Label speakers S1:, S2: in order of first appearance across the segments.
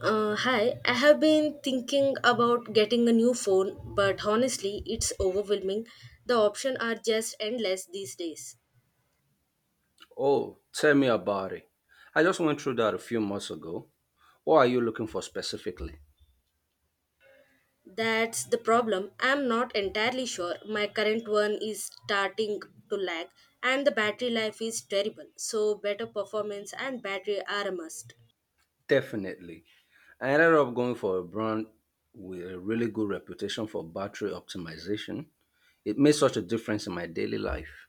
S1: Hi, I have been thinking about getting a new phone, but honestly, it's overwhelming. The options are just endless these days.
S2: Oh, tell me about it. I just went through that a few months ago. What are you looking for specifically?
S1: That's the problem. I'm not entirely sure. My current one is starting to lag, and the battery life is terrible, so better performance and battery are a must.
S2: Definitely. I ended up going for a brand with a really good reputation for battery optimization. It made such a difference in my daily life.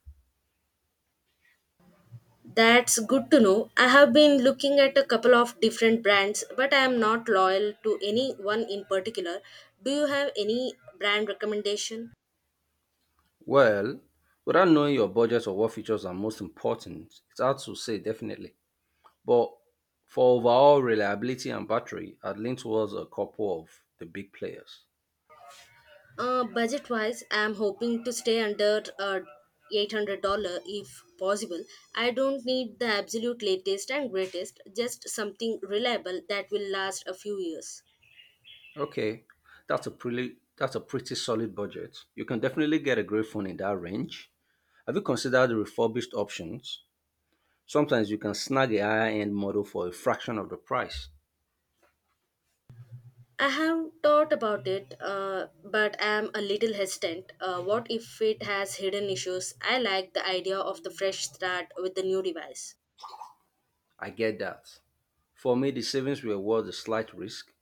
S1: That's good to know. I have been looking at a couple of different brands, but I am not loyal to any one in particular. Do you have any brand recommendation?
S2: Well, without knowing your budget or what features are most important, it's hard to say definitely. But for overall reliability and battery, I'd lean towards a couple of the big players.
S1: Budget wise, I'm hoping to stay under $800 if possible. I don't need the absolute latest and greatest, just something reliable that will last a few years.
S2: Okay, that's a pretty solid budget. You can definitely get a great phone in that range. Have you considered the refurbished options? Sometimes you can snag a higher end model for a fraction of the price.
S1: I have thought about it, but I'm a little hesitant. What if it has hidden issues? I like the idea of the fresh start with the new device.
S2: I get that. For me, the savings were worth the slight risk.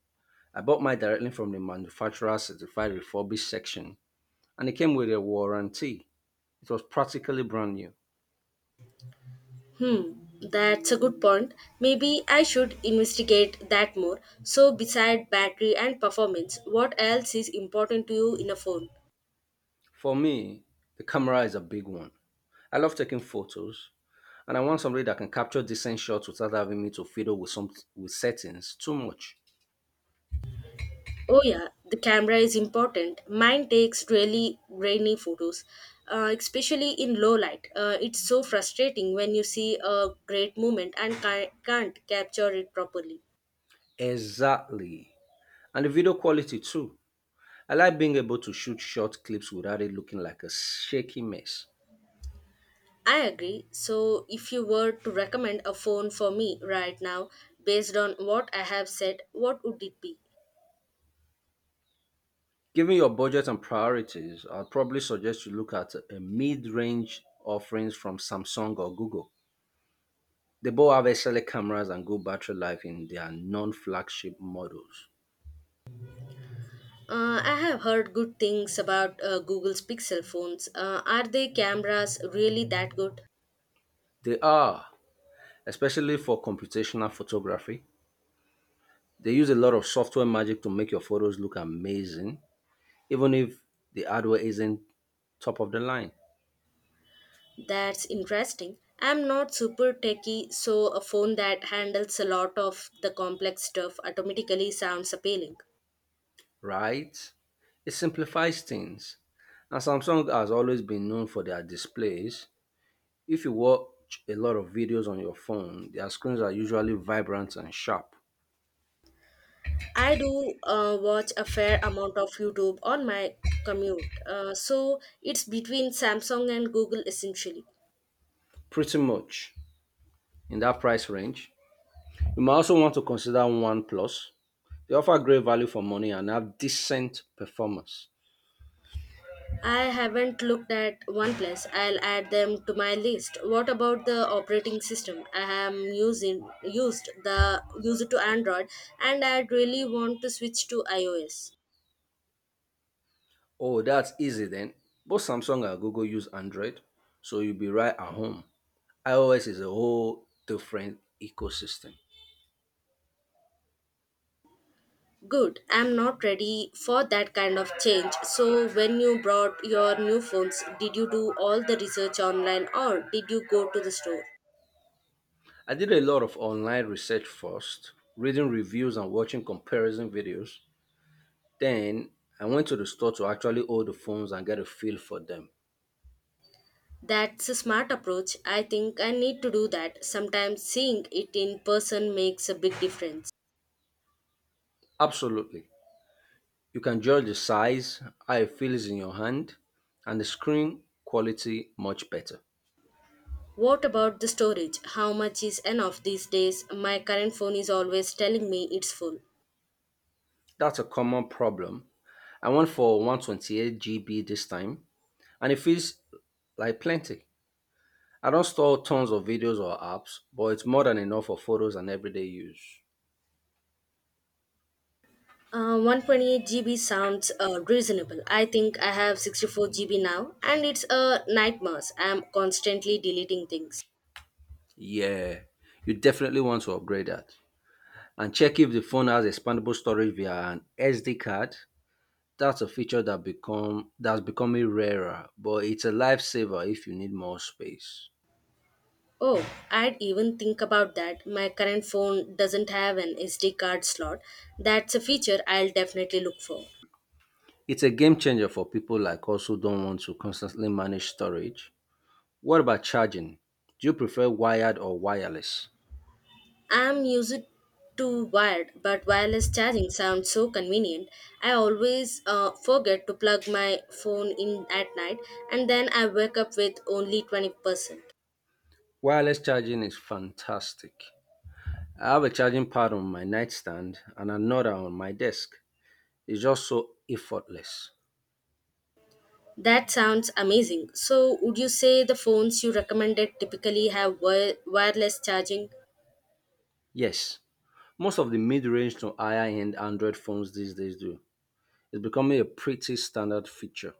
S2: I bought mine directly from the manufacturer certified refurbished section, and it came with a warranty. It was practically brand new.
S1: Hmm, that's a good point. Maybe I should investigate that more. So, beside battery and performance, what else is important to you in a phone?
S2: For me, the camera is a big one. I love taking photos, and I want somebody that can capture decent shots without having me to fiddle with settings too much.
S1: Oh, yeah, the camera is important. Mine takes really grainy photos, especially in low light. It's so frustrating when you see a great moment and can't capture it properly.
S2: Exactly. And the video quality too. I like being able to shoot short clips without it looking like a shaky mess.
S1: I agree. So, if you were to recommend a phone for me right now, based on what I have said, what would it be?
S2: Given your budget and priorities, I'd probably suggest you look at a mid-range offerings from Samsung or Google. They both have excellent cameras and good battery life in their non-flagship models.
S1: I have heard good things about Google's Pixel phones. Are their cameras really that good?
S2: They are, especially for computational photography. They use a lot of software magic to make your photos look amazing, even if the hardware isn't top of the line,
S1: That's interesting. I'm not super techy, so a phone that handles a lot of the complex stuff automatically sounds appealing.
S2: right? It simplifies things. And Samsung has always been known for their displays. If you watch a lot of videos on your phone, their screens are usually vibrant and sharp.
S1: I do watch a fair amount of YouTube on my commute, so it's between Samsung and Google essentially.
S2: Pretty much in that price range. You might also want to consider OnePlus. They offer great value for money and have decent performance.
S1: I haven't looked at OnePlus. I'll add them to my list. What about the operating system? I am using used the use to Android and I really want to switch to iOS.
S2: Oh, that's easy then. Both Samsung and Google use Android, so you'll be right at home. iOS is a whole different ecosystem.
S1: Good. I'm not ready for that kind of change. So when you brought your new phones, did you do all the research online or did you go to the store?
S2: I did a lot of online research first, reading reviews and watching comparison videos. Then I went to the store to actually hold the phones and get a feel for them.
S1: That's a smart approach. I think I need to do that. Sometimes seeing it in person makes a big difference.
S2: Absolutely. You can judge the size, how it feels in your hand, and the screen quality much better.
S1: What about the storage? How much is enough these days? My current phone is always telling me it's full.
S2: That's a common problem. I went for 128 GB this time, and it feels like plenty. I don't store tons of videos or apps, but it's more than enough for photos and everyday use.
S1: 128 GB sounds reasonable. I think I have 64 GB now, and it's a nightmare. I'm constantly deleting things.
S2: Yeah, you definitely want to upgrade that. And check if the phone has expandable storage via an SD card. That's a feature that's becoming rarer, but it's a lifesaver if you need more space.
S1: Oh, I'd even think about that. My current phone doesn't have an SD card slot. That's a feature I'll definitely look for.
S2: It's a game changer for people like us who don't want to constantly manage storage. What about charging? Do you prefer wired or wireless?
S1: I'm used to wired, but wireless charging sounds so convenient. I always forget to plug my phone in at night and then I wake up with only 20%.
S2: Wireless charging is fantastic. I have a charging pad on my nightstand and another on my desk. It's just so effortless.
S1: That sounds amazing. So, would you say the phones you recommended typically have wireless charging?
S2: Yes, most of the mid range to higher end Android phones these days do. It's becoming a pretty standard feature.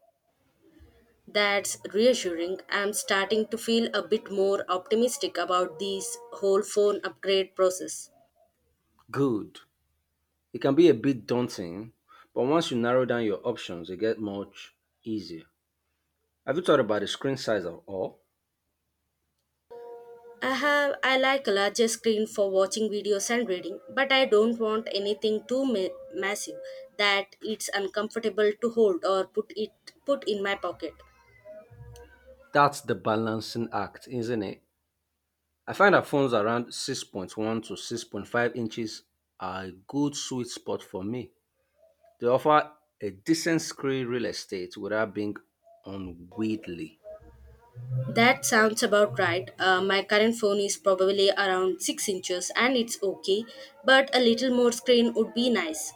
S1: That's reassuring. I'm starting to feel a bit more optimistic about this whole phone upgrade process.
S2: Good. It can be a bit daunting, but once you narrow down your options, it gets much easier. Have you thought about the screen size at all?
S1: I like a larger screen for watching videos and reading, but I don't want anything too massive that it's uncomfortable to hold or put in my pocket.
S2: That's the balancing act, isn't it? I find that phones around 6.1 to 6.5 inches are a good sweet spot for me. They offer a decent screen real estate without being unwieldy.
S1: That sounds about right. My current phone is probably around 6 inches and it's okay, but a little more screen would be nice.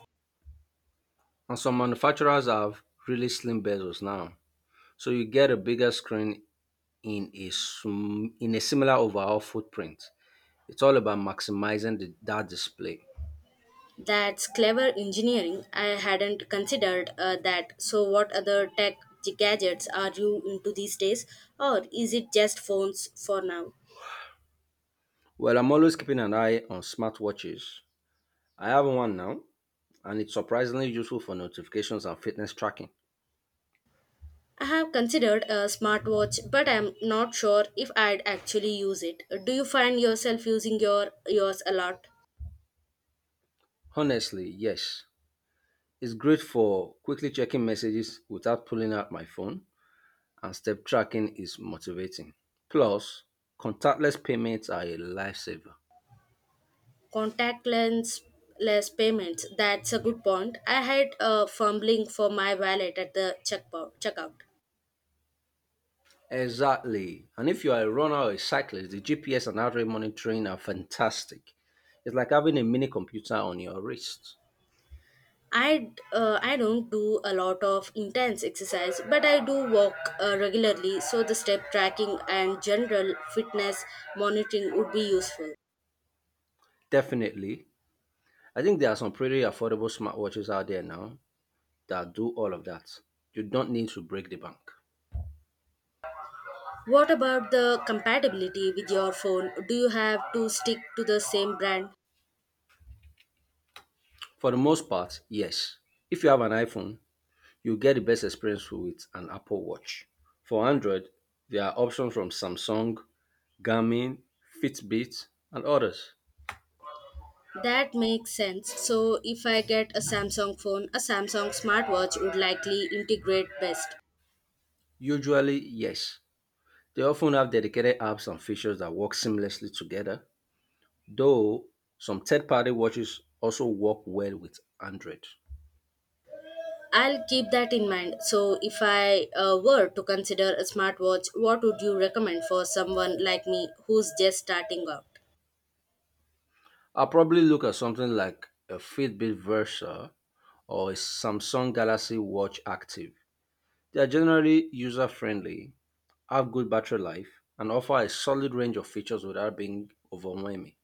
S2: And some manufacturers have really slim bezels now, so you get a bigger screen in a similar overall footprint. It's all about maximizing that display.
S1: That's clever engineering. I hadn't considered that. So, what other tech gadgets are you into these days, or is it just phones for now?
S2: Well, I'm always keeping an eye on smartwatches. I have one now, and it's surprisingly useful for notifications and fitness tracking.
S1: I have considered a smartwatch, but I am not sure if I'd actually use it. Do you find yourself using yours a lot?
S2: Honestly, yes. It's great for quickly checking messages without pulling out my phone, and step tracking is motivating. Plus, contactless payments are a lifesaver.
S1: Contact lens less payments. That's a good point. I had fumbling for my wallet at the checkpoint checkout.
S2: Exactly. And if you are a runner or a cyclist, the GPS and heart rate monitoring are fantastic. It's like having a mini computer on your wrist.
S1: I I don't do a lot of intense exercise, but I do walk regularly, so the step tracking and general fitness monitoring would be useful.
S2: Definitely. I think there are some pretty affordable smartwatches out there now that do all of that. You don't need to break the bank.
S1: What about the compatibility with your phone? Do you have to stick to the same brand?
S2: For the most part, yes. If you have an iPhone, you get the best experience with an Apple Watch. For Android, there are options from Samsung, Garmin, Fitbit, and others.
S1: That makes sense. So, if I get a Samsung phone, a Samsung smartwatch would likely integrate best.
S2: Usually, yes, they often have dedicated apps and features that work seamlessly together, though some third party watches also work well with Android.
S1: I'll keep that in mind. So, if I were to consider a smartwatch, what would you recommend for someone like me who's just starting out?
S2: I'll probably look at something like a Fitbit Versa or a Samsung Galaxy Watch Active. They are generally user friendly, have good battery life, and offer a solid range of features without being overwhelming.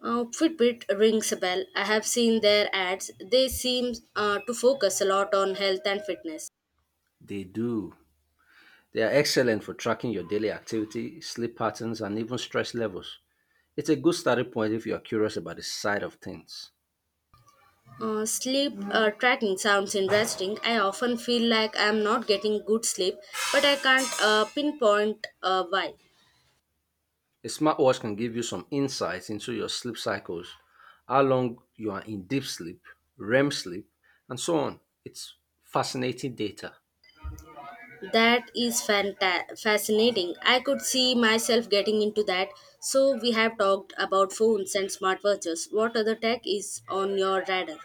S1: Fitbit rings a bell. I have seen their ads. They seem to focus a lot on health and fitness.
S2: They do. They are excellent for tracking your daily activity, sleep patterns, and even stress levels. It's a good starting point if you are curious about the side of things.
S1: Sleep tracking sounds interesting. I often feel like I'm not getting good sleep, but I can't pinpoint why.
S2: A smartwatch can give you some insights into your sleep cycles, how long you are in deep sleep, REM sleep, and so on. It's fascinating data.
S1: That is fascinating. I could see myself getting into that. So, we have talked about phones and smartwatches. What other tech is on your radar?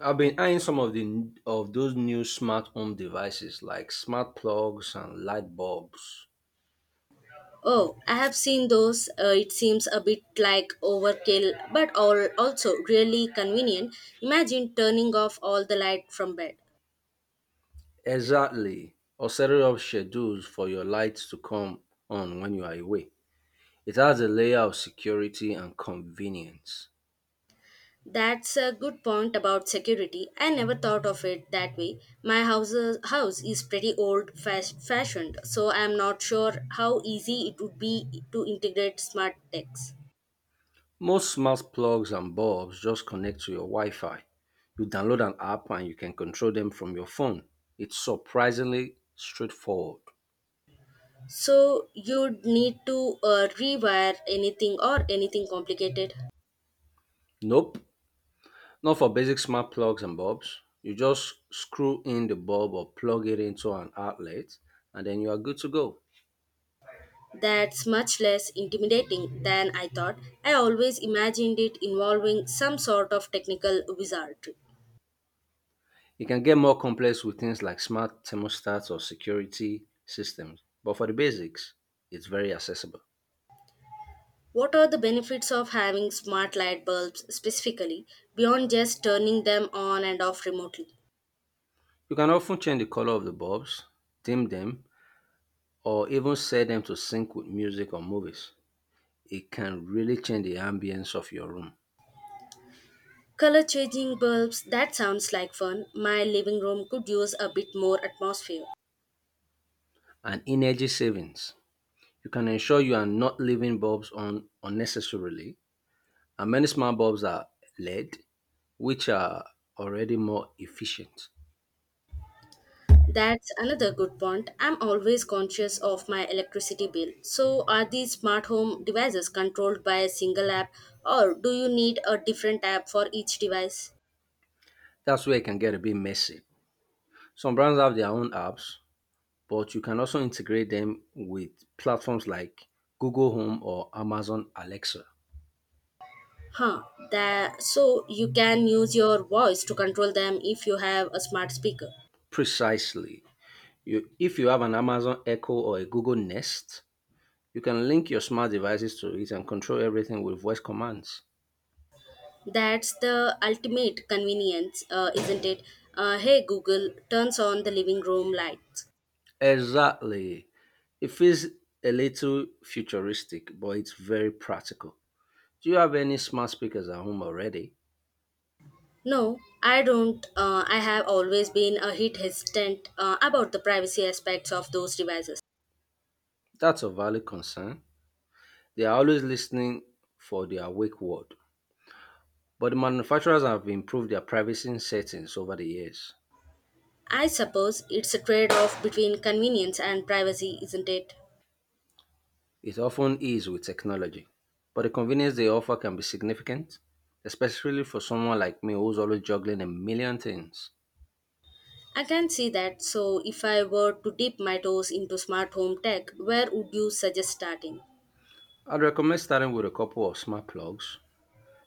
S2: I've been eyeing some of those new smart home devices like smart plugs and light bulbs.
S1: Oh, I have seen those. It seems a bit like overkill, but all also really convenient. Imagine turning off all the light from bed.
S2: Exactly. Or set up schedules for your lights to come on when you are away. It adds a layer of security and convenience.
S1: That's a good point about security. I never thought of it that way. House is pretty old fashioned, so I'm not sure how easy it would be to integrate smart techs.
S2: Most smart plugs and bulbs just connect to your Wi Fi. You download an app and you can control them from your phone. It's surprisingly straightforward.
S1: So you'd need to rewire anything or anything complicated.
S2: Nope, not for basic smart plugs and bulbs. You just screw in the bulb or plug it into an outlet and then you are good to go.
S1: That's much less intimidating than I thought. I always imagined it involving some sort of technical wizardry.
S2: It can get more complex with things like smart thermostats or security systems, but for the basics, it's very accessible.
S1: What are the benefits of having smart light bulbs specifically, beyond just turning them on and off remotely?
S2: You can often change the color of the bulbs, dim them, or even set them to sync with music or movies. It can really change the ambience of your room.
S1: Color changing bulbs, that sounds like fun. My living room could use a bit more atmosphere.
S2: And energy savings. You can ensure you are not leaving bulbs on unnecessarily. And many smart bulbs are LED, which are already more efficient.
S1: That's another good point. I'm always conscious of my electricity bill. So, are these smart home devices controlled by a single app, or do you need a different app for each device?
S2: That's where it can get a bit messy. Some brands have their own apps, but you can also integrate them with platforms like Google Home or Amazon Alexa.
S1: Huh, that so you can use your voice to control them if you have a smart speaker.
S2: Precisely. If you have an Amazon Echo or a Google Nest, you can link your smart devices to it and control everything with voice commands.
S1: That's the ultimate convenience, isn't it? Hey Google, turns on the living room lights.
S2: Exactly. It feels a little futuristic, but it's very practical. Do you have any smart speakers at home already?
S1: No, I don't. I have always been a hit hesitant about the privacy aspects of those devices.
S2: That's a valid concern. They are always listening for the awake world. But the manufacturers have improved their privacy settings over the years.
S1: I suppose it's a trade off between convenience and privacy, isn't it?
S2: It often is with technology. But the convenience they offer can be significant, especially for someone like me who's always juggling a million things.
S1: I can see that. So, if I were to dip my toes into smart home tech, where would you suggest starting?
S2: I'd recommend starting with a couple of smart plugs.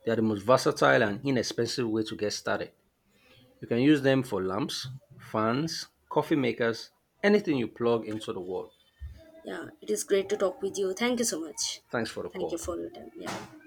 S2: They are the most versatile and inexpensive way to get started. You can use them for lamps, fans, coffee makers, anything you plug into the wall.
S1: Yeah, it is great to talk with you. Thank you so much.
S2: Thanks for the
S1: Thank you
S2: call.
S1: for your time. Yeah.